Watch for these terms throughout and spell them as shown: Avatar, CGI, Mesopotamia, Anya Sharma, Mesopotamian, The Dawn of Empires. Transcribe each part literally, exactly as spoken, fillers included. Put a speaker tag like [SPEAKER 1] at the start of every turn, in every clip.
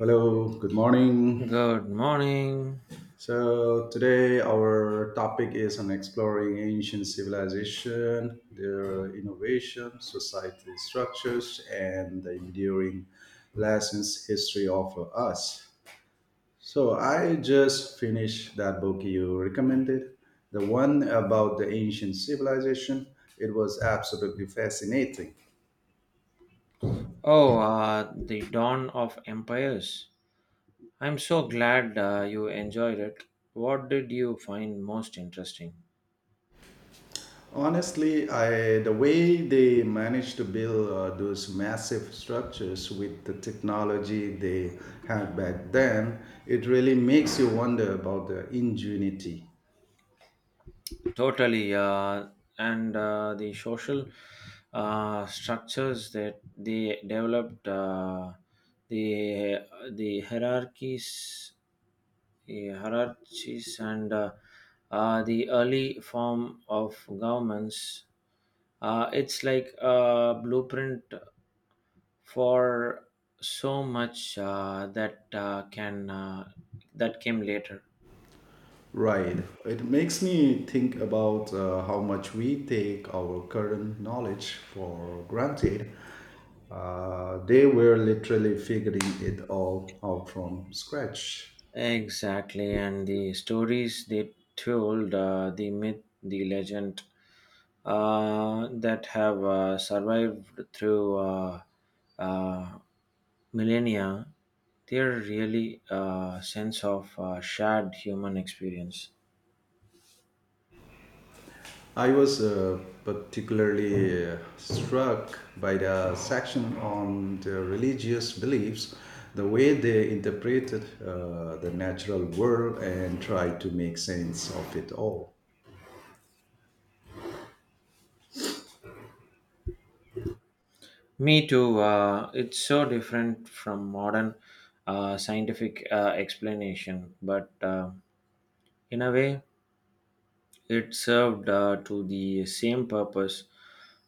[SPEAKER 1] Hello, good morning.
[SPEAKER 2] Good morning.
[SPEAKER 1] So today our topic is on exploring ancient civilization, their innovation, societal structures, and the enduring lessons history offer us. So I just finished that book you recommended, the one about the ancient civilization. It was absolutely fascinating.
[SPEAKER 2] Oh, uh, the dawn of empires. I'm so glad uh, you enjoyed it. What did you find most interesting?
[SPEAKER 1] Honestly, I the way they managed to build uh, those massive structures with the technology they had back then, it really makes you wonder about the ingenuity.
[SPEAKER 2] Totally, uh, and uh, the social uh, structures that they developed, uh, the the hierarchies, the hierarchies, and uh, uh, the early form of governments. Uh, it's like a blueprint for so much uh, that uh, can uh, that came later.
[SPEAKER 1] Right. It makes me think about uh, how much we take our current knowledge for granted. Uh, they were literally figuring it all out from scratch.
[SPEAKER 2] Exactly, and the stories they told, uh, the myth, the legend, uh, that have uh, survived through uh, uh, millennia, they're really a sense of uh, shared human experience.
[SPEAKER 1] I was uh, particularly uh, struck by the section on the religious beliefs, the way they interpreted uh, the natural world and tried to make sense of it all.
[SPEAKER 2] Me too. Uh, it's so different from modern uh, scientific uh, explanation, but uh, in a way, it served uh, to the same purpose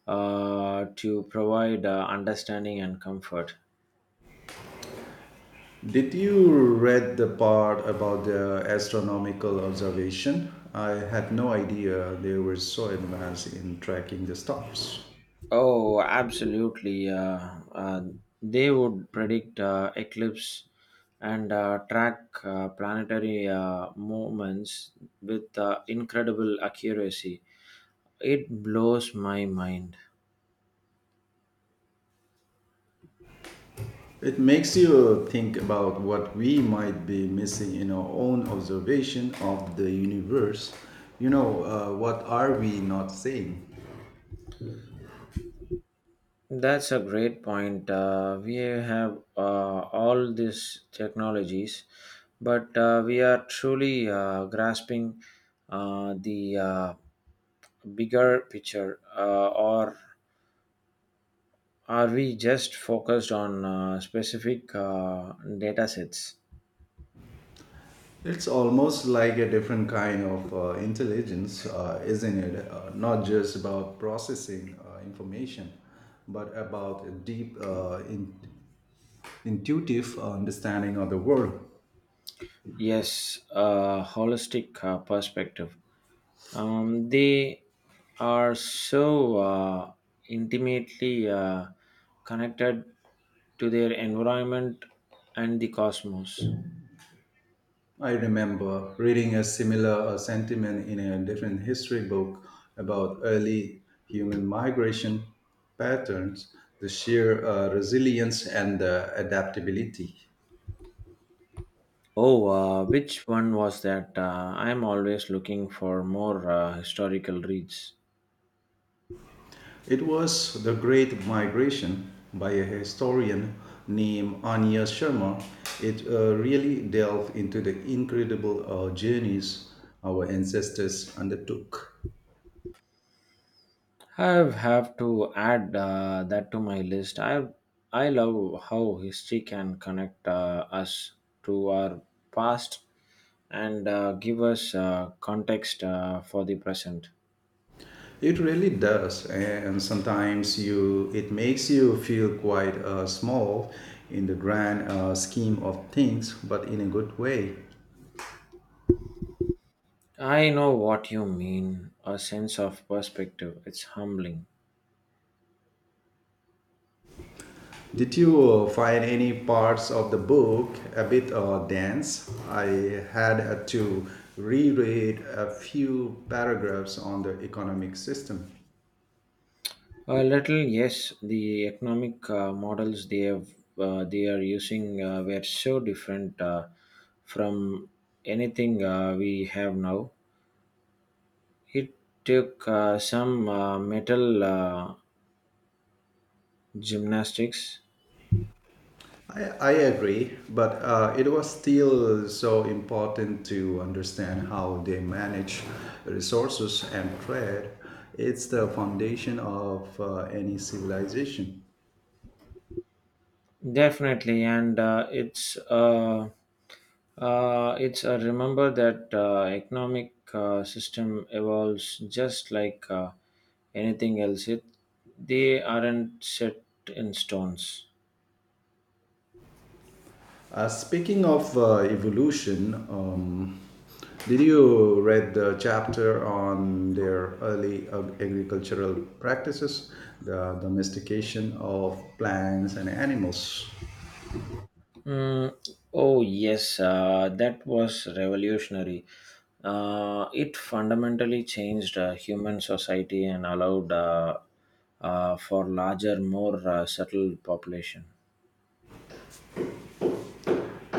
[SPEAKER 2] uh, to provide uh, understanding and comfort.
[SPEAKER 1] Did you read the part about the astronomical observation? I had no idea they were so advanced in tracking the stars.
[SPEAKER 2] Oh, absolutely. Uh, uh, they would predict uh, eclipse and uh, track uh, planetary uh, movements with uh, incredible accuracy. It blows my mind.
[SPEAKER 1] It makes you think about what we might be missing in our own observation of the universe. You know, uh, what are we not seeing?
[SPEAKER 2] That's a great point. Uh, we have uh, all these technologies, but uh, we are truly uh, grasping uh, the uh, bigger picture, uh, or are we just focused on uh, specific uh, data sets?
[SPEAKER 1] It's almost like a different kind of uh, intelligence, uh, isn't it? Uh, not just about processing uh, information, but about a deep, uh, in- intuitive uh, understanding of the world.
[SPEAKER 2] Yes, a holistic uh, perspective. Um, they are so uh, intimately uh, connected to their environment and the cosmos.
[SPEAKER 1] I remember reading a similar uh, sentiment in a different history book about early human migration patterns, the sheer uh, resilience and the adaptability.
[SPEAKER 2] Oh, uh, which one was that? Uh, I'm always looking for more uh, historical reads.
[SPEAKER 1] It was The Great Migration by a historian named Anya Sharma. It uh, really delved into the incredible uh, journeys our ancestors undertook.
[SPEAKER 2] I've have to add uh, that to my list. I I love how history can connect uh, us to our past and uh, give us uh, context uh, for the present.
[SPEAKER 1] It really does, and sometimes you it makes you feel quite uh, small in the grand uh, scheme of things, but in a good way.
[SPEAKER 2] I know what you mean. A sense of perspective. It's humbling.
[SPEAKER 1] Did you uh, find any parts of the book a bit uh, dense? I had uh, to reread a few paragraphs on the economic system.
[SPEAKER 2] A little, yes. The economic uh, models they have, uh, they are using uh, were so different uh, from anything uh, we have now. It took uh, some uh, metal uh, gymnastics.
[SPEAKER 1] I, I agree, but uh, it was still so important to understand how they manage resources and trade. It's the foundation of uh, any civilization.
[SPEAKER 2] Definitely, and uh, it's uh, uh, it's a remember that uh, economic uh, system evolves just like uh, anything else. It They aren't set in stones.
[SPEAKER 1] Uh, speaking of uh, evolution, um, did you read the chapter on their early ag- agricultural practices, the domestication of plants and animals?
[SPEAKER 2] Mm, oh yes, uh, that was revolutionary. Uh, it fundamentally changed uh, human society and allowed uh, uh, for larger, more uh, settled population.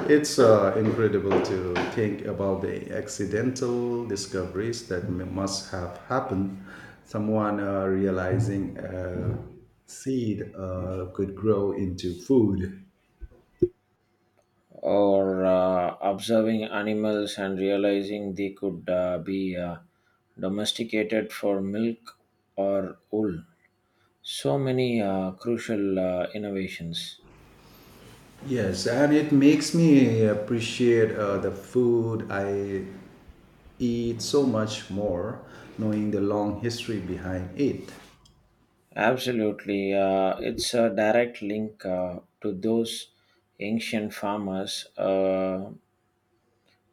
[SPEAKER 1] It's uh, incredible to think about the accidental discoveries that m- must have happened. Someone uh, realizing a seed uh, could grow into food.
[SPEAKER 2] Or uh, observing animals and realizing they could uh, be uh, domesticated for milk or wool. So many uh, crucial uh, innovations.
[SPEAKER 1] Yes, and it makes me appreciate uh, the food I eat so much more, knowing the long history behind it.
[SPEAKER 2] Absolutely. Uh, it's a direct link uh, to those ancient farmers, uh,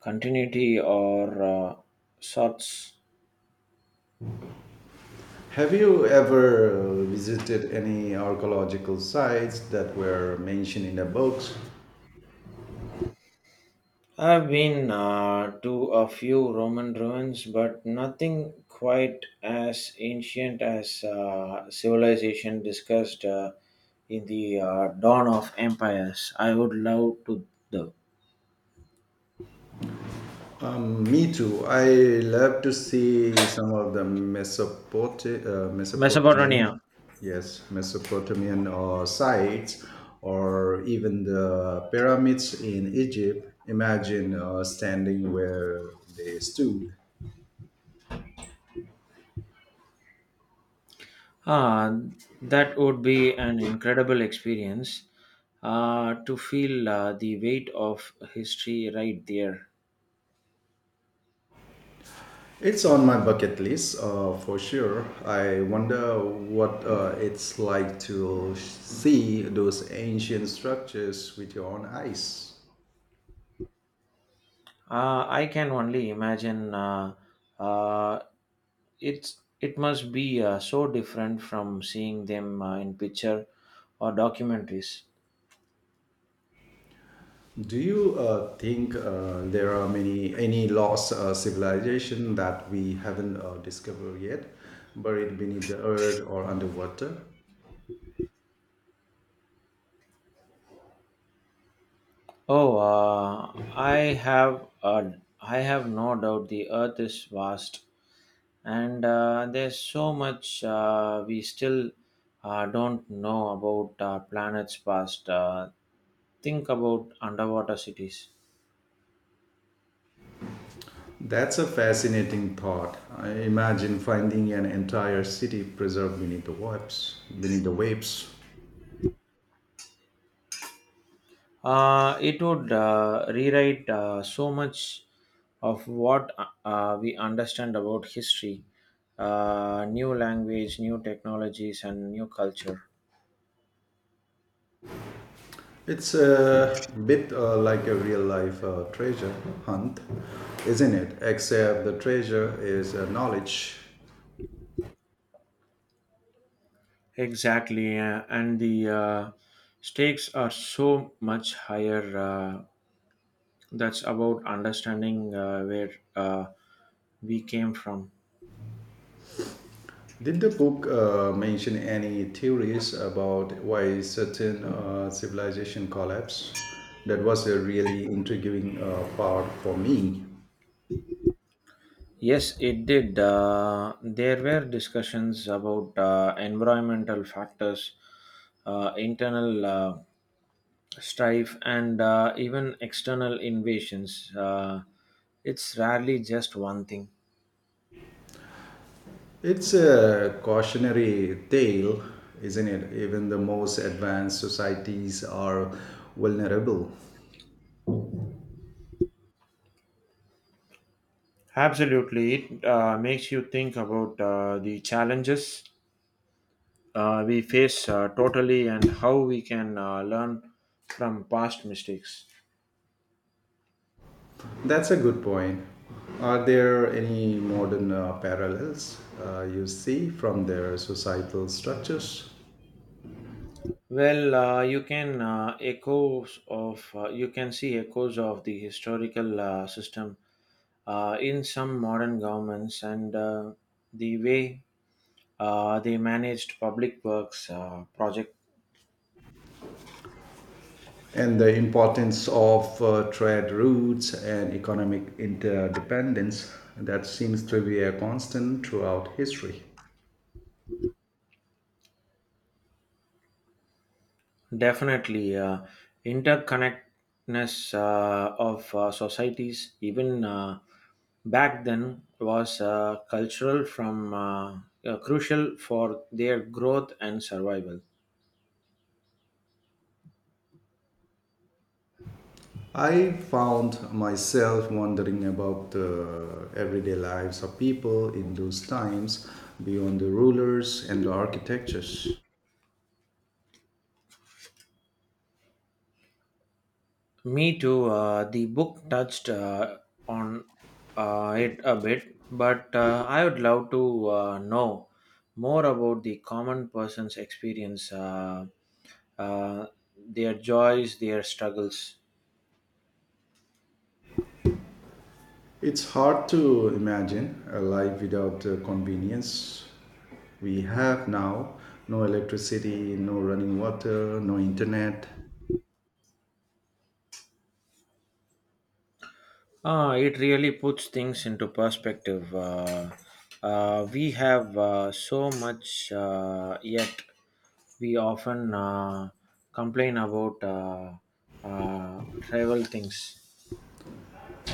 [SPEAKER 2] continuity or uh, sorts.
[SPEAKER 1] Have you ever uh, visited any archaeological sites that were mentioned in the books?
[SPEAKER 2] I've been uh, to a few Roman ruins, but nothing quite as ancient as uh, civilization discussed uh, in the uh, dawn of empires. I would love to. The
[SPEAKER 1] Um, me too. I love to see some of the Mesopoti- uh, Mesopotamian,
[SPEAKER 2] Mesopotamia.
[SPEAKER 1] yes, Mesopotamian uh, sites, or even the pyramids in Egypt. Imagine uh, standing where they stood.
[SPEAKER 2] Ah, that would be an incredible experience uh, to feel uh, the weight of history right there.
[SPEAKER 1] It's on my bucket list uh, for sure. I wonder what uh, it's like to see those ancient structures with your own eyes.
[SPEAKER 2] Uh, I can only imagine uh, uh, it's it must be uh, so different from seeing them uh, in picture or documentaries.
[SPEAKER 1] Do you uh, think uh, there are many any lost uh, civilization that we haven't uh, discovered yet, buried beneath the earth or underwater?
[SPEAKER 2] Oh uh, i have uh, i have no doubt the earth is vast and uh, there's so much uh, we still uh, don't know about our planets past. Uh, think about underwater cities.
[SPEAKER 1] That's a fascinating thought. I imagine finding an entire city preserved beneath the waves. Beneath the waves,
[SPEAKER 2] Uh, it would uh, rewrite uh, so much of what uh, uh, we understand about history, uh, new language, new technologies, and new culture.
[SPEAKER 1] it's a bit uh, like a real life uh, treasure hunt, isn't it? Except the treasure is uh, knowledge.
[SPEAKER 2] Exactly, uh, and the uh, stakes are so much higher. Uh, that's about understanding uh, where uh, we came from.
[SPEAKER 1] Did the book uh, mention any theories about why certain uh, civilization collapse? That was a really intriguing uh, part for me.
[SPEAKER 2] Yes, it did. Uh, there were discussions about uh, environmental factors, uh, internal uh, strife, and uh, even external invasions. Uh, it's rarely just one thing.
[SPEAKER 1] It's a cautionary tale, isn't it? Even the most advanced societies are vulnerable.
[SPEAKER 2] Absolutely. It uh, makes you think about uh, the challenges uh, we face uh, totally and how we can uh, learn from past mistakes.
[SPEAKER 1] That's a good point. Are there any modern uh, parallels uh, you see from their societal structures?
[SPEAKER 2] Well, uh, you can uh, echoes of uh, you can see echoes of the historical uh, system uh, in some modern governments and uh, the way Uh, they managed public works uh, project.
[SPEAKER 1] And the importance of uh, trade routes and economic interdependence that seems to be a constant throughout history.
[SPEAKER 2] Definitely, uh, interconnectedness uh, of uh, societies even uh, back then was uh, cultural from uh, uh, crucial for their growth and survival.
[SPEAKER 1] I found myself wondering about the everyday lives of people in those times beyond the rulers and the architectures.
[SPEAKER 2] Me too. Uh, the book touched uh, on uh, it a bit, but uh, I would love to uh, know more about the common person's experience, uh, uh, their joys, their struggles.
[SPEAKER 1] It's hard to imagine a life without the convenience we have now, no electricity, no running water, no internet.
[SPEAKER 2] Uh, it really puts things into perspective. Uh, uh, we have uh, so much, uh, yet we often uh, complain about uh, uh, trivial things.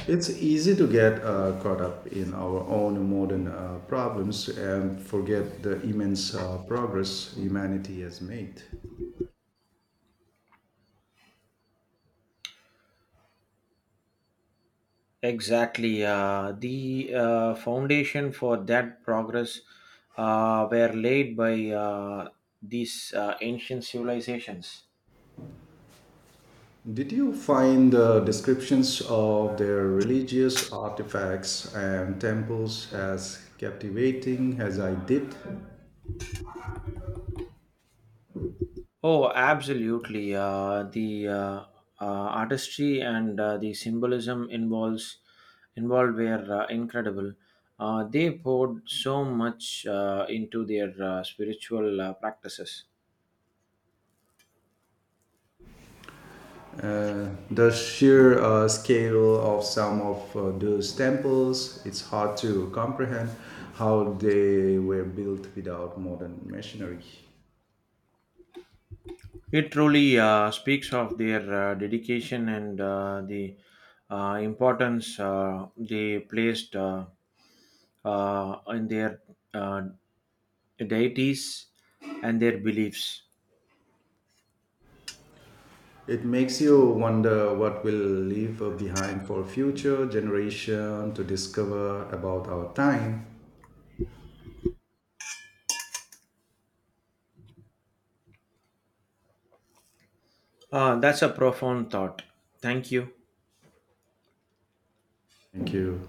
[SPEAKER 1] It's easy to get uh, caught up in our own modern uh, problems and forget the immense uh, progress humanity has made.
[SPEAKER 2] Exactly. Uh, the uh, foundation for that progress uh, were laid by uh, these uh, ancient civilizations.
[SPEAKER 1] Did you find the descriptions of their religious artifacts and temples as captivating as I did?
[SPEAKER 2] Oh, absolutely. Uh, the uh, uh, artistry and uh, the symbolism involves involved were uh, incredible. Uh, they poured so much uh, into their uh, spiritual uh, practices.
[SPEAKER 1] Uh, the sheer uh, scale of some of uh, those temples, it's hard to comprehend how they were built without modern machinery.
[SPEAKER 2] It truly uh, speaks of their uh, dedication and uh, the uh, importance uh, they placed uh, uh, in their uh, deities and their beliefs.
[SPEAKER 1] It makes you wonder what we'll leave behind for future generation to discover about our time.
[SPEAKER 2] Uh, that's a profound thought. Thank you.
[SPEAKER 1] Thank you.